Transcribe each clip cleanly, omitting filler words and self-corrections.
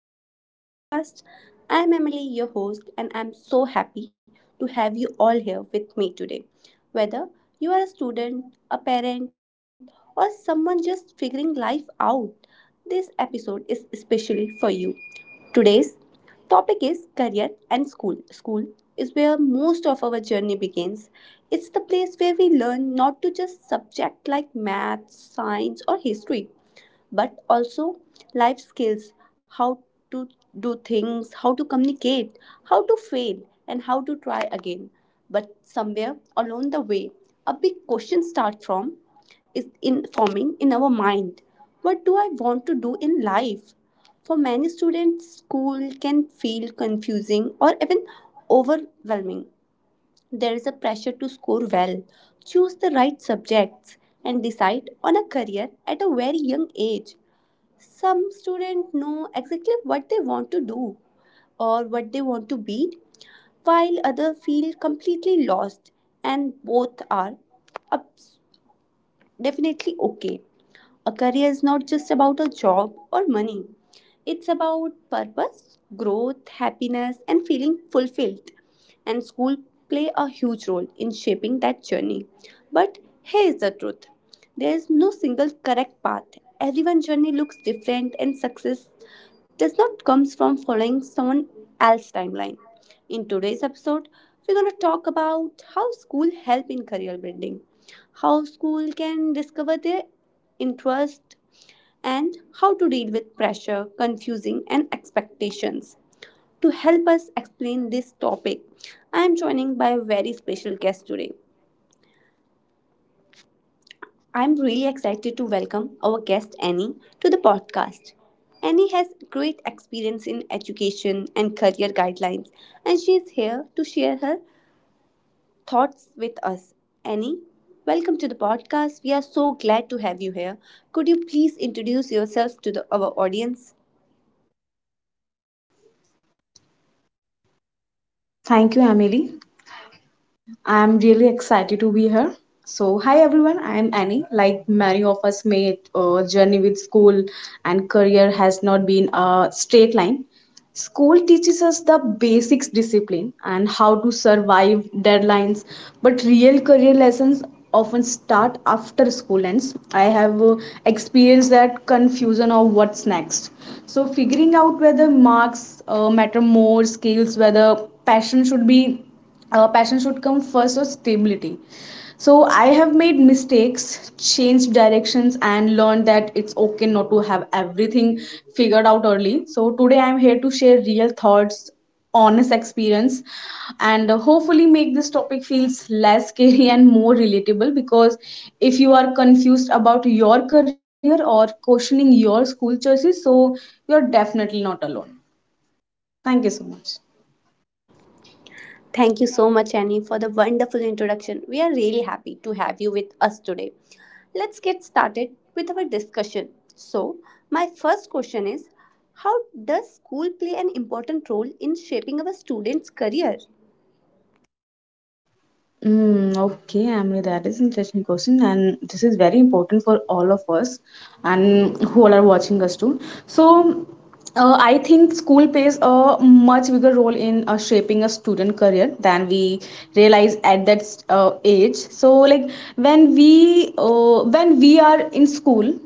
back to the podcast. I'm Emily, your host, and I'm so happy to have you all here with me today. Whether you are a student, a parent, or someone just figuring life out, this episode is especially for you. Today's topic is career and school. School is where most of our journey begins. It's the place where we learn not to just subject like math, science, or history, but also life skills how to do things, how to communicate, how to fail, and how to try again. But somewhere along the way, a big question starts from is in forming in our mind. What do I want to do in life? For many students, school can feel confusing or even overwhelming. There is a pressure to score well, choose the right subjects, and decide on a career at a very young age. Some students know exactly what they want to do or what they want to be, while others feel completely lost, and both are abs- definitely okay. A career is not just about a job or money, it's about purpose, growth, happiness, and feeling fulfilled. And school play a huge role in shaping that journey. But here is the truth there is no single correct path. Everyone's journey looks different, and success does not comes from following someone else's timeline. In today's episode, we're going to talk about how school help in career building, how school can discover their interest and how to deal with pressure, confusing and expectations. To help us explain this topic, I am joining by a very special guest today. I'm really excited to welcome our guest Annie to the podcast. Annie has great experience in education and career guidelines, and she is here to share her thoughts with us. Annie, welcome to the podcast. We are so glad to have you here. Could you please introduce yourself to our audience? Thank you, Emily. I'm really excited to be here. So, hi everyone, I'm Annie. Like many of us, made journey with school and career has not been a straight line. School teaches us the basics discipline and how to survive deadlines, but real career lessons often start after school ends. I have experienced that confusion of what's next. So, figuring out whether marks matter more, skills, whether passion should be passion should come first or stability, so I have made mistakes, changed directions, and learned that it's okay not to have everything figured out early. So today I'm here to share real thoughts, honest experience, and hopefully make this topic feels less scary and more relatable. Because if you are confused about your career or questioning your school choices, so you're definitely not alone. Thank you so much. Thank you so much, Annie, for the wonderful introduction. We are really happy to have you with us today. Let's get started with our discussion. So, my first question is how does school play an important role in shaping our students' career? Mm, okay, Amri, that is interesting question, and this is very important for all of us and who all are watching us too. So I think school plays a much bigger role in shaping a student career than we realize at that age. So, like when we are in school,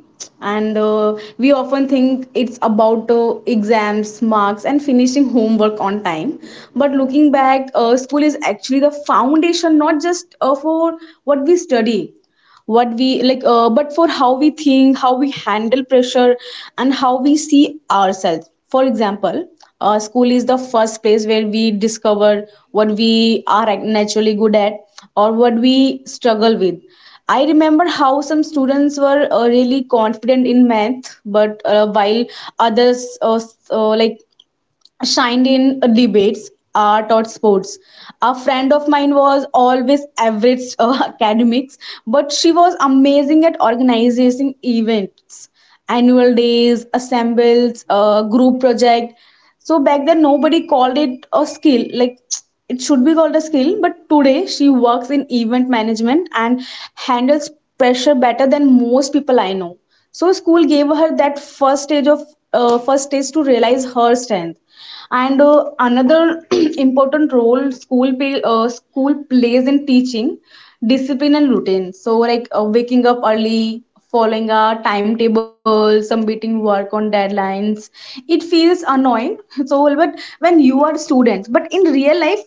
and we often think it's about exams, marks, and finishing homework on time. But looking back, school is actually the foundation, not just for what we study, what we like but for how we think, how we handle pressure, and how we see ourselves. For example, is the first place where we discover what we are naturally good at or what we struggle with. I remember how some students were really confident in math but while others like shined in debates, art, or sports. A friend of mine was always average academics, but she was amazing at organizing events, annual days, assembles, group project. So back then, nobody called it a skill. Like it should be called a skill, but today she works in event management and handles pressure better than most people I know. So school gave her that first stage to realize her strength. And another important role school plays in teaching discipline and routine. So like waking up early, following a timetable, submitting work on deadlines. It feels annoying. So but when you are students, but in real life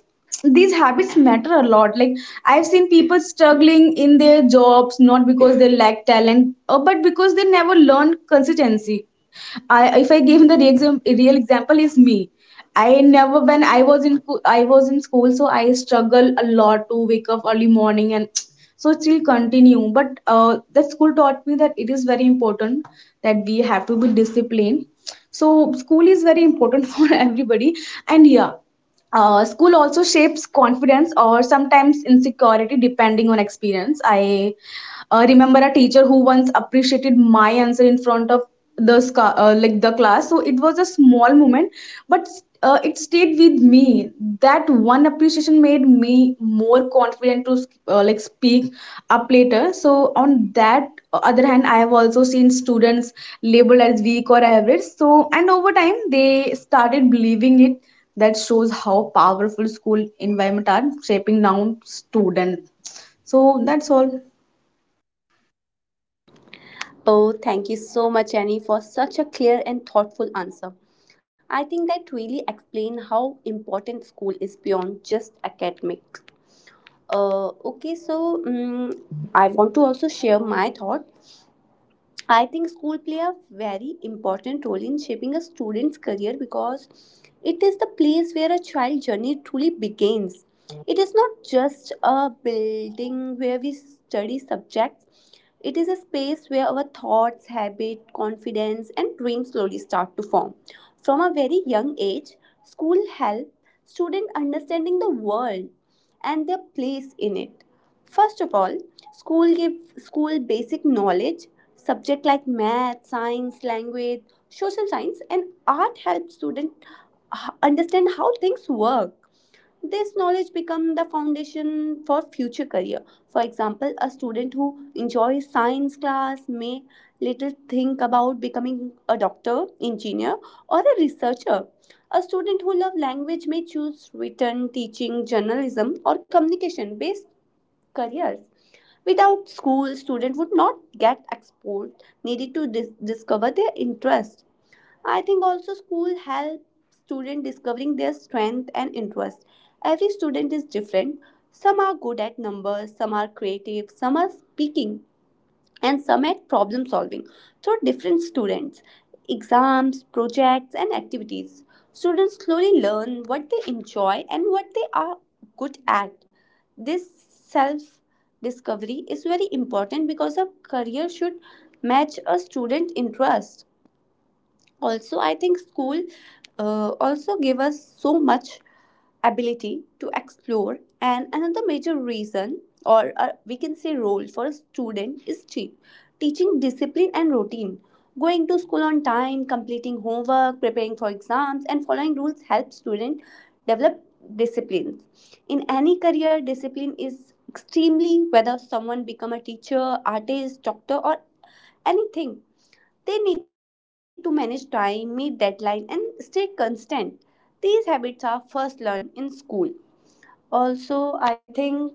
these habits matter a lot. Like I've seen people struggling in their jobs not because they lack talent but because they never learn consistency. If I give the real, real example is me. I never when I was in co- I was in school, so I struggle a lot to wake up early, and so it still continue. But the school taught me that it is very important that we have to be disciplined. So school is very important for everybody. And yeah, school also shapes confidence or sometimes insecurity depending on experience. I remember a teacher who once appreciated my answer in front of like the class. So it was a small moment, but it stayed with me. That one appreciation made me more confident to like speak up later. So on that other hand, I have also seen students labeled as weak or average, so and over time they started believing it. That shows how powerful school environment are shaping now student. So that's all. Oh, thank you so much, Annie, for such a clear and thoughtful answer. I think that really explain how important school is beyond just academics. Okay, so I want to also share my thought. I think school play a very important role in shaping a student's career because it is the place where a child's journey truly begins. It is not just a building where we study subjects. It is a space where our thoughts, habit, confidence and dreams slowly start to form. From a very young age, school helps students understanding the world and their place in it. First of all, school gives school basic knowledge. Subject like math, science, language, social science, and art help students understand how things work. This knowledge becomes the foundation for future career. For example, a student who enjoys science class may later think about becoming a doctor, engineer, or a researcher. A student who loves language may choose written, teaching, journalism, or communication based careers. Without school, students would not get exposed needed to discover their interest. I think also school helps students discovering their strength and interest. Every student is different. Some are good at numbers, some are creative, some are speaking and some at problem solving through different students, exams, projects, and activities. Students slowly learn what they enjoy and what they are good at. This self discovery is very important because a career should match a student interest. Also, I think school also give us so much ability to explore. And another major reason, or we can say role for a student, is cheap. Teaching discipline and routine. Going to school on time, completing homework, preparing for exams, and following rules help students develop disciplines. In any career, discipline is extremely whether someone become a teacher, artist, doctor, or anything. They need to manage time, meet deadline, and stay constant. These habits are first learned in school also. I think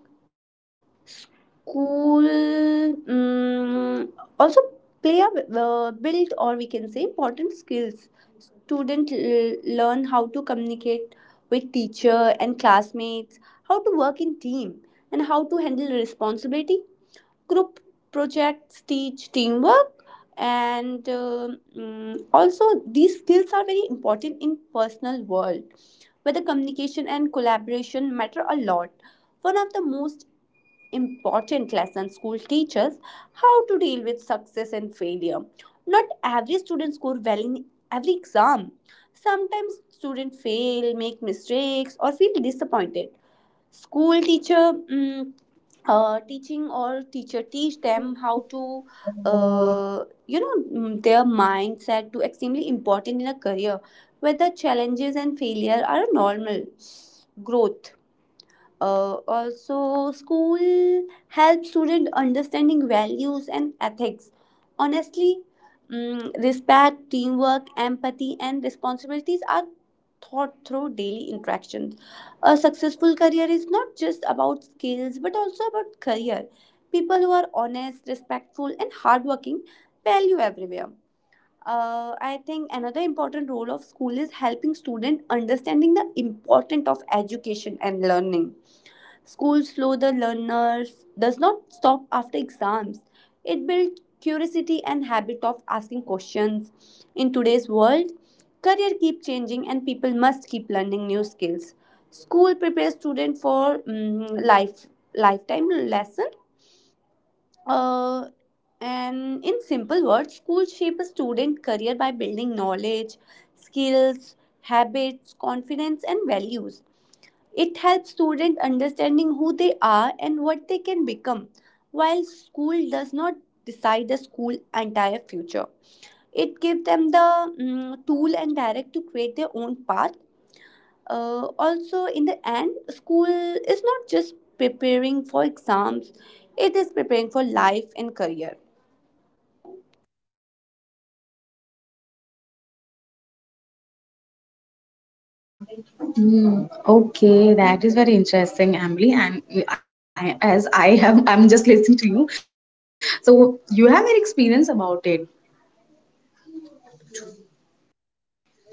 school also play a build or we can say important skills. Student learn how to communicate with teacher and classmates, how to work in team, and how to handle responsibility. Group projects teach teamwork and also these skills are very important in personal world where the communication and collaboration matter a lot. One of the most important lessons school teaches how to deal with success and failure. Not every student score well in every exam. Sometimes students fail, make mistakes, or feel disappointed. School teacher mm, teaching or teacher teach them how to their mindset to extremely important in a career, whether challenges and failure are a normal growth. Also, school helps students understanding values and ethics. Honestly, respect, teamwork, empathy, and responsibilities are thought through daily interactions. A successful career is not just about skills but also about career. People who are honest, respectful, and hardworking value everywhere. I think another important role of school is helping students understanding the importance of education and learning. Schools slow the learners does not stop after exams. It builds curiosity and habit of asking questions. In today's world, career keep changing and people must keep learning new skills. School prepares student for lifetime lesson. Uh, and in simple words, schools shape a student career by building knowledge, skills, habits, confidence, and values. It helps students understanding who they are and what they can become. While school does not decide the school entire future, it gives them the tool and direct to create their own path. Also, in the end, school is not just preparing for exams; it is preparing for life and career. Hmm. Okay, that is very interesting, Emily. And I, as I have, I'm just listening to you. So you have an experience about it.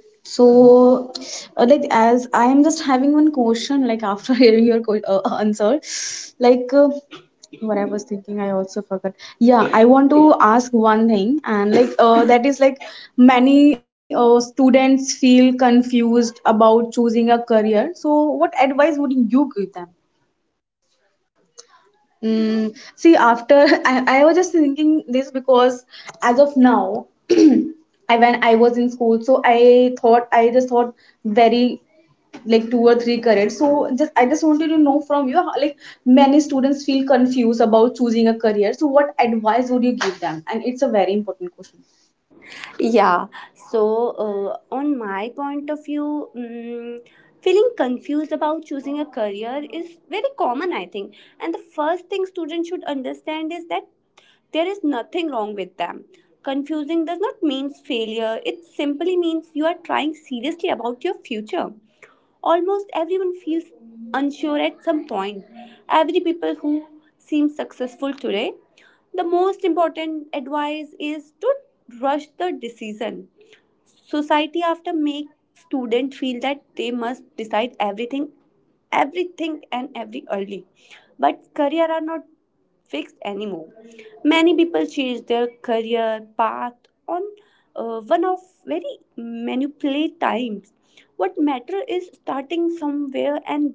So, like, as I am just having one question, like after hearing your answer, like uh, what I was thinking, I also forgot. Yeah, I want to ask one thing, and that is like many students feel confused about choosing a career. So, what advice would you give them? Mm, see, after I was just thinking this because as of now, I when I was in school, so I just thought very like two or three careers. So just I just wanted to know from you how, like many students feel confused about choosing a career. So what advice would you give them? And it's a very important question. Yeah, so on my point of view, feeling confused about choosing a career is very common, I think. And the first thing students should understand is that there is nothing wrong with them. Confusing does not mean failure, it simply means you are trying seriously about your future. Almost everyone feels unsure at some point. Every people who seem successful today the most important advice is to rush the decision. Society after make student feel that they must decide everything and every early, but career are not fixed anymore. Many people change their career path on one of very manipulate times. What matter is starting somewhere and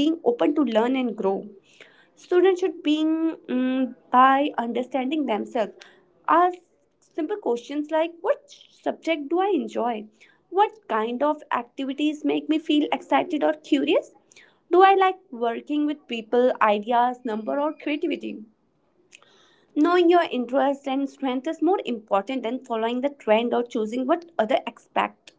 being open to learn and grow. Students should begin by understanding themselves. Ask simple questions like what subject do I enjoy? What kind of activities make me feel excited or curious? Do I like working with people, ideas, number, or creativity? Knowing your interests and strength is more important than following the trend or choosing what others expect.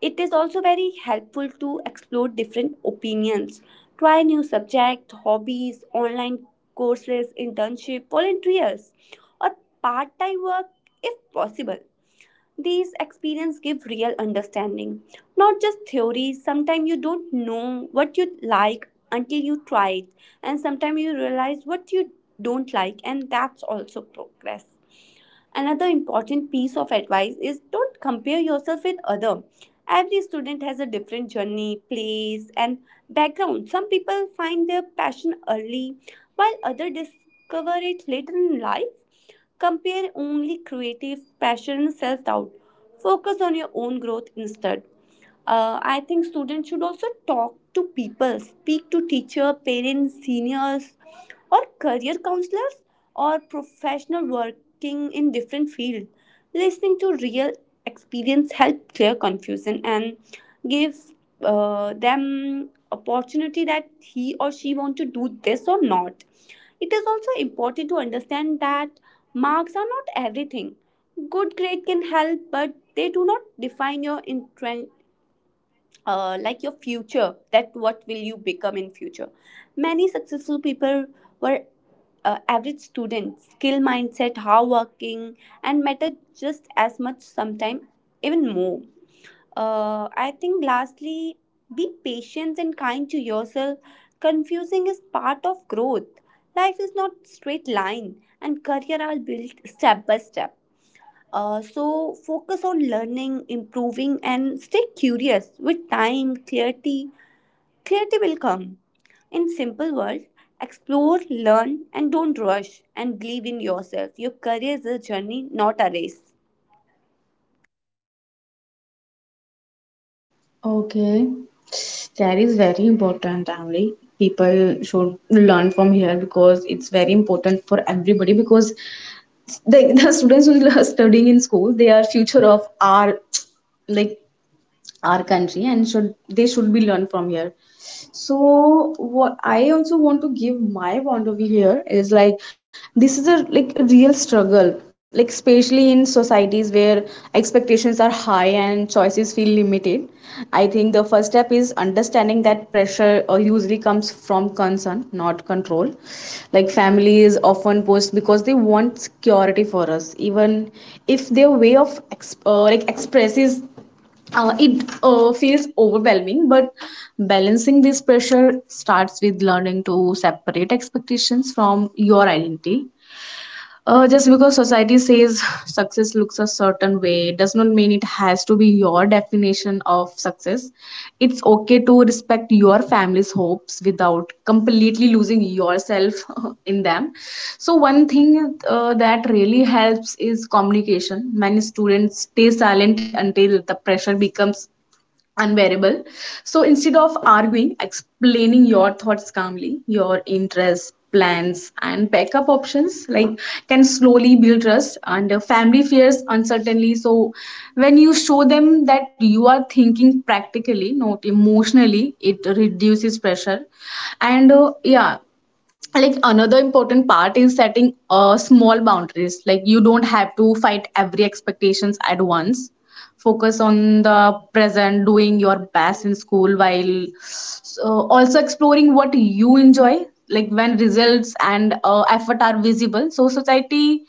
It is also very helpful to explore different opinions, try new subjects, hobbies, online courses, internship, volunteers, or part-time work if possible. These experiences give real understanding, not just theory. Sometimes you don't know what you like until you try it, and sometimes you realize what you don't like, and that's also progress. Another important piece of advice is don't compare yourself with other. Every student has a different journey, place and background. Some people find their passion early while others discover it later in life. Compare only creative pressure and self-doubt. Focus on your own growth instead. I think students should also talk to people, speak to teacher, parents, seniors, or career counselors, or professional working in different fields. Listening to real experience help clear confusion and give them opportunity that he or she want to do this or not. It is also important to understand that marks are not everything. Good grade can help but they do not define your your future, that what will you become in future. Many successful people were average students. Skill, mindset, hard working, and mattered just as much, sometime even more. I think lastly be patient and kind to yourself. Confusing is part of growth. Life is not straight line and career are built step by step. So focus on learning, improving, and stay curious. With time, clarity will come. In simple words, explore, learn, and don't rush. And believe in yourself. Your career is a journey, not a race. Okay, that is very important, Emily. People should learn here because it's very important for everybody. Because the students who are studying in school, they are future of our, like, our country, and should they should be learned from here. So what I also want to give my point of view here is like this is a like a real struggle, like especially in societies where expectations are high and choices feel limited. I think the first step is understanding that pressure usually comes from concern, not control. Like families often post because they want security for us, even if their way of like expresses it feels overwhelming. But balancing this pressure starts with learning to separate expectations from your identity. Just because society says success looks a certain way does not mean it has to be your definition of success. It's okay to respect your family's hopes without completely losing yourself in them. So one thing that really helps is communication. Many students stay silent until the pressure becomes unbearable. So instead of arguing, explaining your thoughts calmly, your interests, plans, and backup options like can slowly build trust, and family fears uncertainly. So when you show them that you are thinking practically, not emotionally, it reduces pressure. And yeah, like another important part is setting small boundaries. Like you don't have to fight every expectations at once. Focus on the present, doing your best in school while so also exploring what you enjoy. Like when results and effort are visible, so society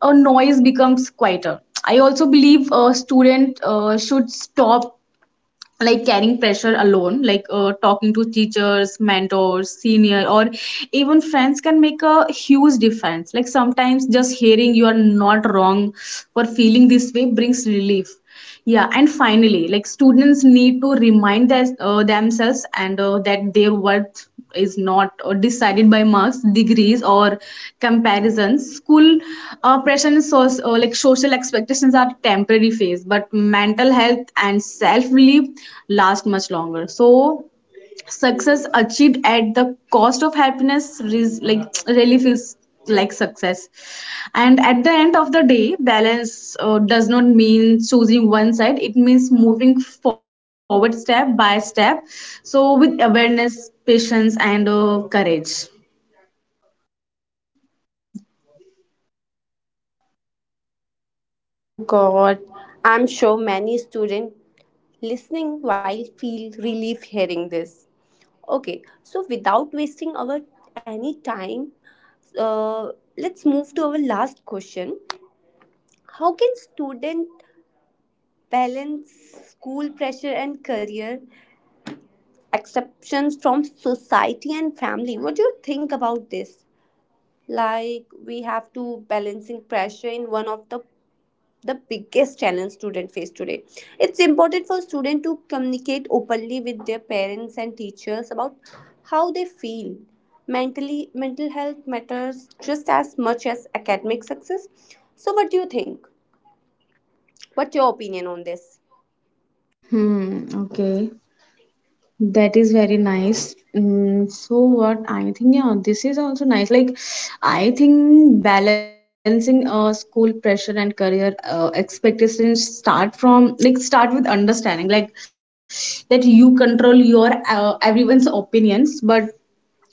noise becomes quieter. I also believe a student should stop like carrying pressure alone. Like talking to teachers, mentors, senior, or even friends can make a huge difference. Like sometimes just hearing you are not wrong for feeling this way brings relief. Yeah, and finally, like students need to remind themselves and that their worth is not decided by marks, degrees, or comparisons. School pressure and so, like social expectations are temporary phase, but mental health and self belief last much longer. So success achieved at the cost of happiness like really feels like success. And at the end of the day, balance does not mean choosing one side. It means moving forward step by step. So with awareness, patience, and courage. Oh God, I'm sure many students listening while feel relief hearing this. Okay, so without wasting our any time, uh, let's move to our last question. How can student balance school pressure and career, exceptions from society and family. What do you think about this? Like we have to balancing pressure in one of the biggest challenge student face today. It's important for student to communicate openly with their parents and teachers about how they feel. Mentally, mental health matters just as much as academic success. So, what do you think? What's your opinion on this? Hmm, okay. That is very nice. Mm, so what I think, yeah, this is also nice. Like, I think balancing school pressure and career expectations start from like start with understanding, like that you control your everyone's opinions, but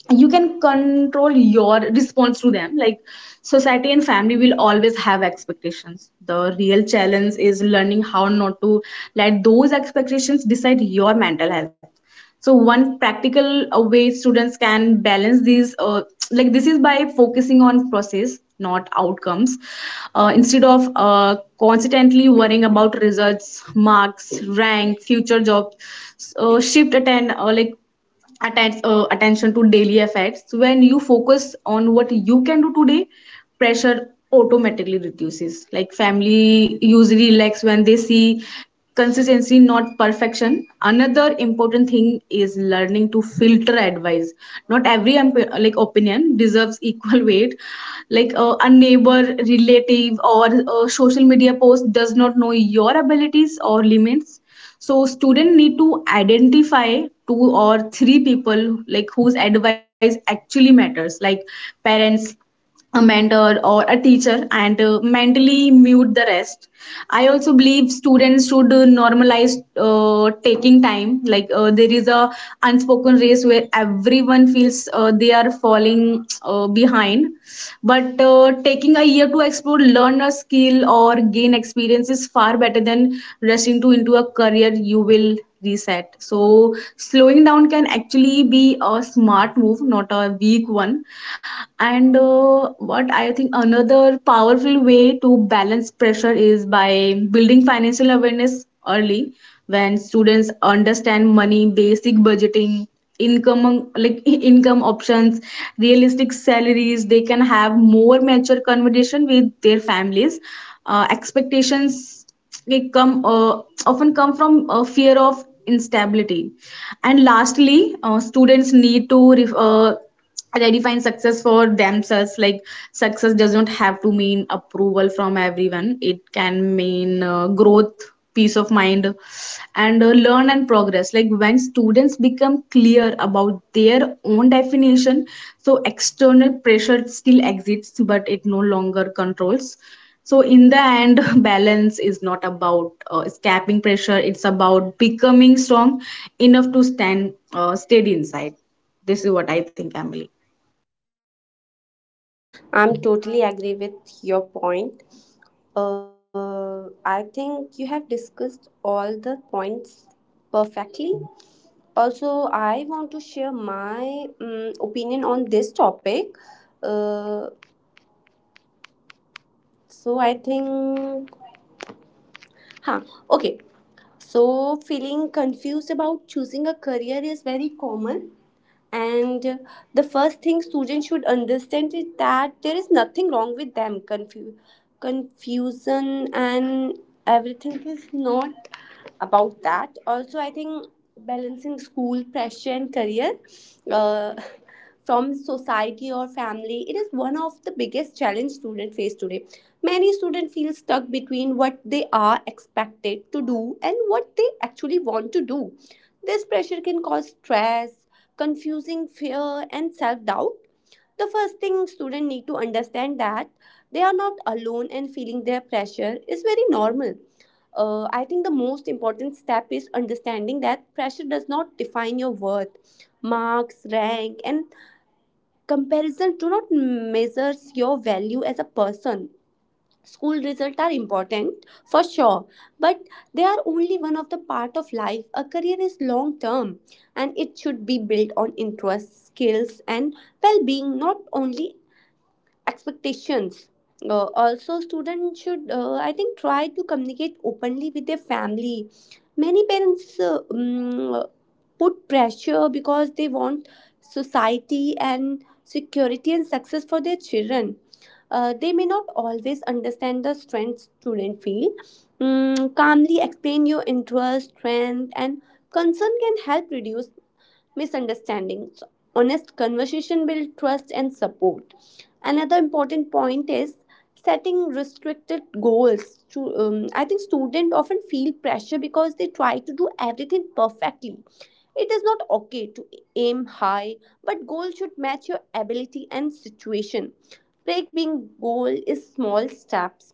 you can control your response to them. Like society and family will always have expectations. The real challenge is learning how not to let those expectations decide your mental health. So one practical way students can balance these like this is by focusing on process, not outcomes. Instead of constantly worrying results, marks, rank, future jobs, shift attend like attention to daily effects. When you focus on what you can do today, pressure automatically reduces. Like family usually relax when they see consistency, not perfection. Another important thing is learning to filter advice. Not every like opinion deserves equal weight. Like a neighbor, relative, or a social media post does not know your abilities or limits. So student need to identify two or three people like whose advice actually matters, like parents, a mentor, or a teacher, and mentally mute the rest. I also believe students should normalize taking time. Like there is a unspoken race where everyone feels they are falling behind. But taking a year to explore, learn a skill, or gain experience is far better than rushing to into a career you will reset. So slowing down can actually be a smart move, not a weak one. And what I think, another powerful way to balance pressure is by building financial awareness early. When students understand money, basic budgeting, income like income options, realistic salaries, they can have more mature conversation with their families. Expectations they come often come from a fear of instability. And lastly, students need to redefine success for themselves. Like success does not have to mean approval from everyone. It can mean growth, peace of mind, and learn and progress. Like when students become clear about their own definition, so external pressure still exists but it no longer controls. So in the end, balance is not about escaping pressure. It's about becoming strong enough to stand steady inside. This is what I think, Emily. I'm totally agree with your point. I think you have discussed all the points perfectly. Also, I want to share my opinion on this topic. Uh, so, I think, huh, okay. So, feeling confused about choosing a career is very common. And the first thing students should understand is that there is nothing wrong with them. Confusion and everything is not about that. Also, I think balancing school pressure and career uh, from society or family, it is one of the biggest challenge students face today. Many students feel stuck between what they are expected to do and what they actually want to do. This pressure can cause stress, confusing fear, and self-doubt. The first thing students need to understand that they are not alone, and feeling their pressure is very normal. I think the most important step is understanding that pressure does not define your worth. Marks, rank, and comparison do not measure your value as a person. School results are important for sure, but they are only one of the part of life. A career is long term, and it should be built on interests, skills, and well-being, not only expectations. Also, students should, I think, try to communicate openly with their family. Many parents put pressure because they want society and security and success for their children. They may not always understand the strengths student feel. Calmly explain your interest, strength, and concern can help reduce misunderstandings. Honest conversation builds trust and support. Another important point is setting restricted goals. I think students often feel pressure because they try to do everything perfectly. It is not okay to aim high, but goals should match your ability and situation. Break being goal is small steps.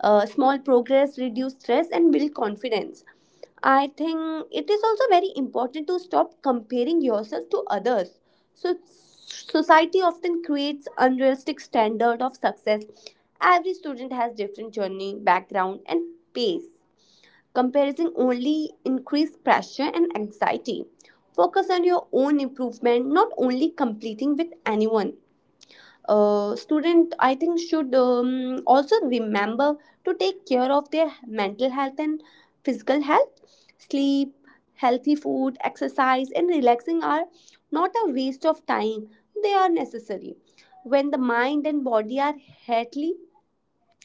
Small progress reduce stress and build confidence. I think it is also very important to stop comparing yourself to others. So society often creates unrealistic standard of success. Every student has different journey, background, and pace. Comparison only increase pressure and anxiety. Focus on your own improvement, not only completing with anyone. Student, I think, should also remember to take care of their mental health and physical health: sleep, healthy food, exercise, and relaxing are not a waste of time. They are necessary. When the mind and body are healthy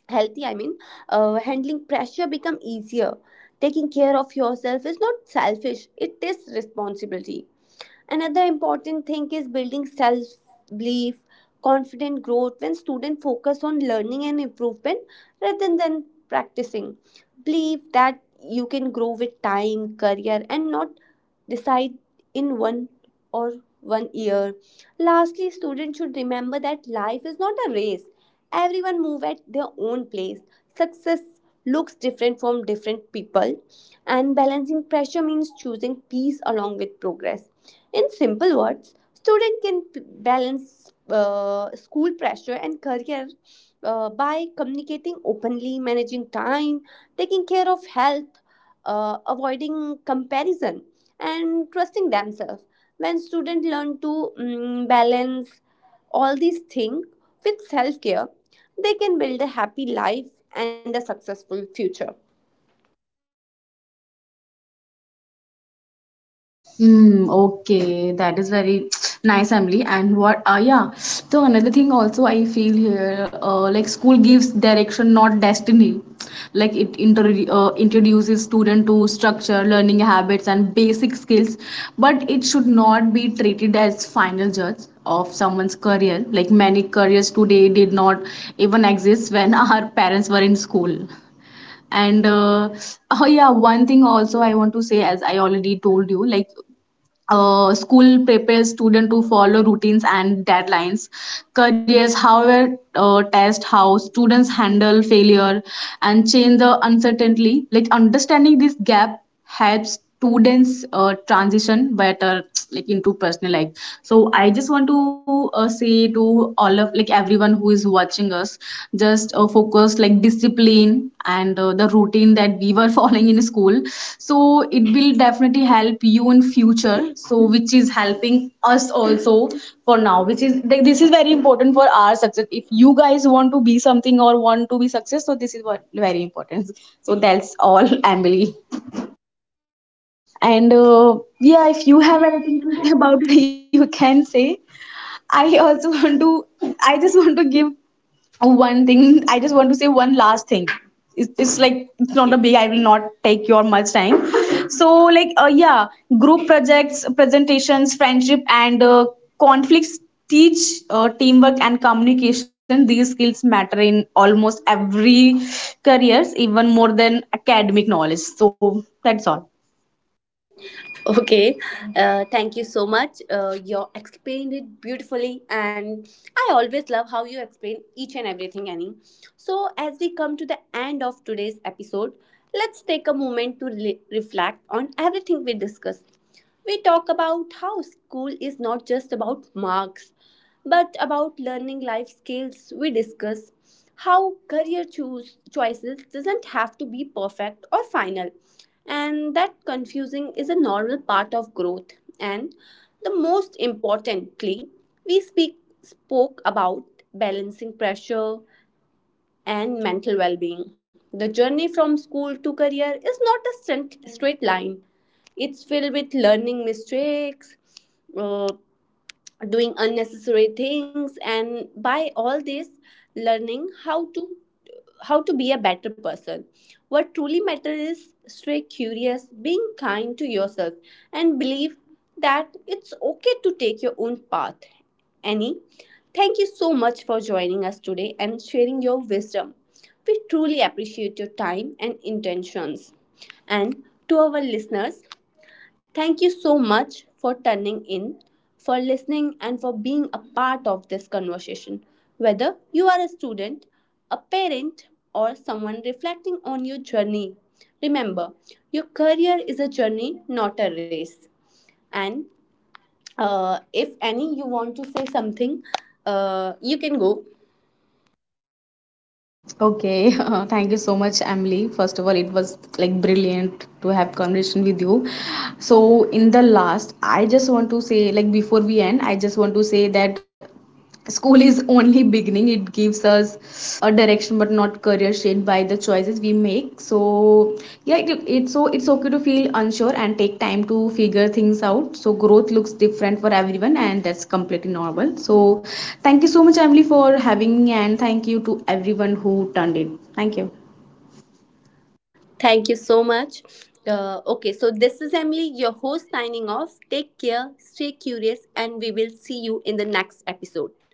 healthy, I mean, handling pressure become easier. Taking care of yourself is not selfish, it is responsibility. Another important thing is building self belief, confident growth, when students focus on learning and improvement rather than practicing. Believe that you can grow with time, career, and not decide in or one year. Lastly, students should remember that life is not a race. Everyone move at their own pace. Success looks different from different people, and balancing pressure means choosing peace along with progress. In simple words, student can balance school pressure and career by communicating openly, managing time, taking care of health, avoiding comparison, and trusting themselves. When students learn to balance all these things with self care, they can build a happy life and a successful future. Mm, okay, that is very nice, Emily. And what, yeah. So another thing also I feel here, like school gives direction, not destiny. Like it introduces student to structure, learning habits, and basic skills, but it should not be treated as final judge of someone's career. Like many careers today did not even exist when our parents were in school. And oh yeah, one thing also I want to say, as I already told you, like school prepares students to follow routines and deadlines. Careers, however, test how students handle failure and change the uncertainty. Like understanding this gap helps students transition better like into personal life. So I just want to say to all of like everyone who is watching us, just focused like discipline and the routine that we were following in school. So it will definitely help you in future. So which is helping us also for now, which is like, this is very important for our success. If you guys want to be something or want to be success, so this is what very important. So that's all. Emily, and And yeah, if you yeah, have if you anything to say have about it, you can say. i also want to I just want to give one thing. I just want to say one last thing. It's like it's not a big, I will not take your much time. So like, yeah, group projects, presentations, friendship, and conflicts teach teamwork and communication. These skills matter in almost every careers, even more than academic knowledge. So that's all. Okay, thank you so much. You explained it beautifully, and I always love how you explain each and everything, Annie. So, as we come to the end of today's episode, let's take a moment to reflect on everything we discussed. We talk about how school is not just about marks, but about learning life skills. We discuss how career choose choices doesn't have to be perfect or final, and that confusing is a normal part of growth. And the most importantly, we speak spoke about balancing pressure and mental well-being. The journey from school to career is not a straight line. It's filled with learning mistakes, uh, doing unnecessary things, and by all this, learning how to be a better person. What truly matters is stay curious, being kind to yourself, and believe that it's okay to take your own path. Annie, thank you so much for joining us today and sharing your wisdom. We truly appreciate your time and intentions. And to our listeners, thank you so much for turning in, for listening, and for being a part of this conversation. Whether you are a student, a parent, or someone reflecting on your journey, remember your career is a journey, not a race. And if any, you want to say something, you can go. Okay, thank you so much, Emily. First of all, it was like brilliant to have conversation with you. So in the last, I just want to say like before we end, I just want to say that school is only beginning. It gives us a direction but not career shaped by the choices we make. So yeah, it's so it's okay to feel unsure and take time to figure things out. So growth looks different for everyone and that's completely normal. So thank you so much, Emily, for having me, and thank you to everyone who turned in. Thank you. Thank you so much. Okay, so this is Emily, your host, signing off. Take care, stay curious, and we will see you in the next episode.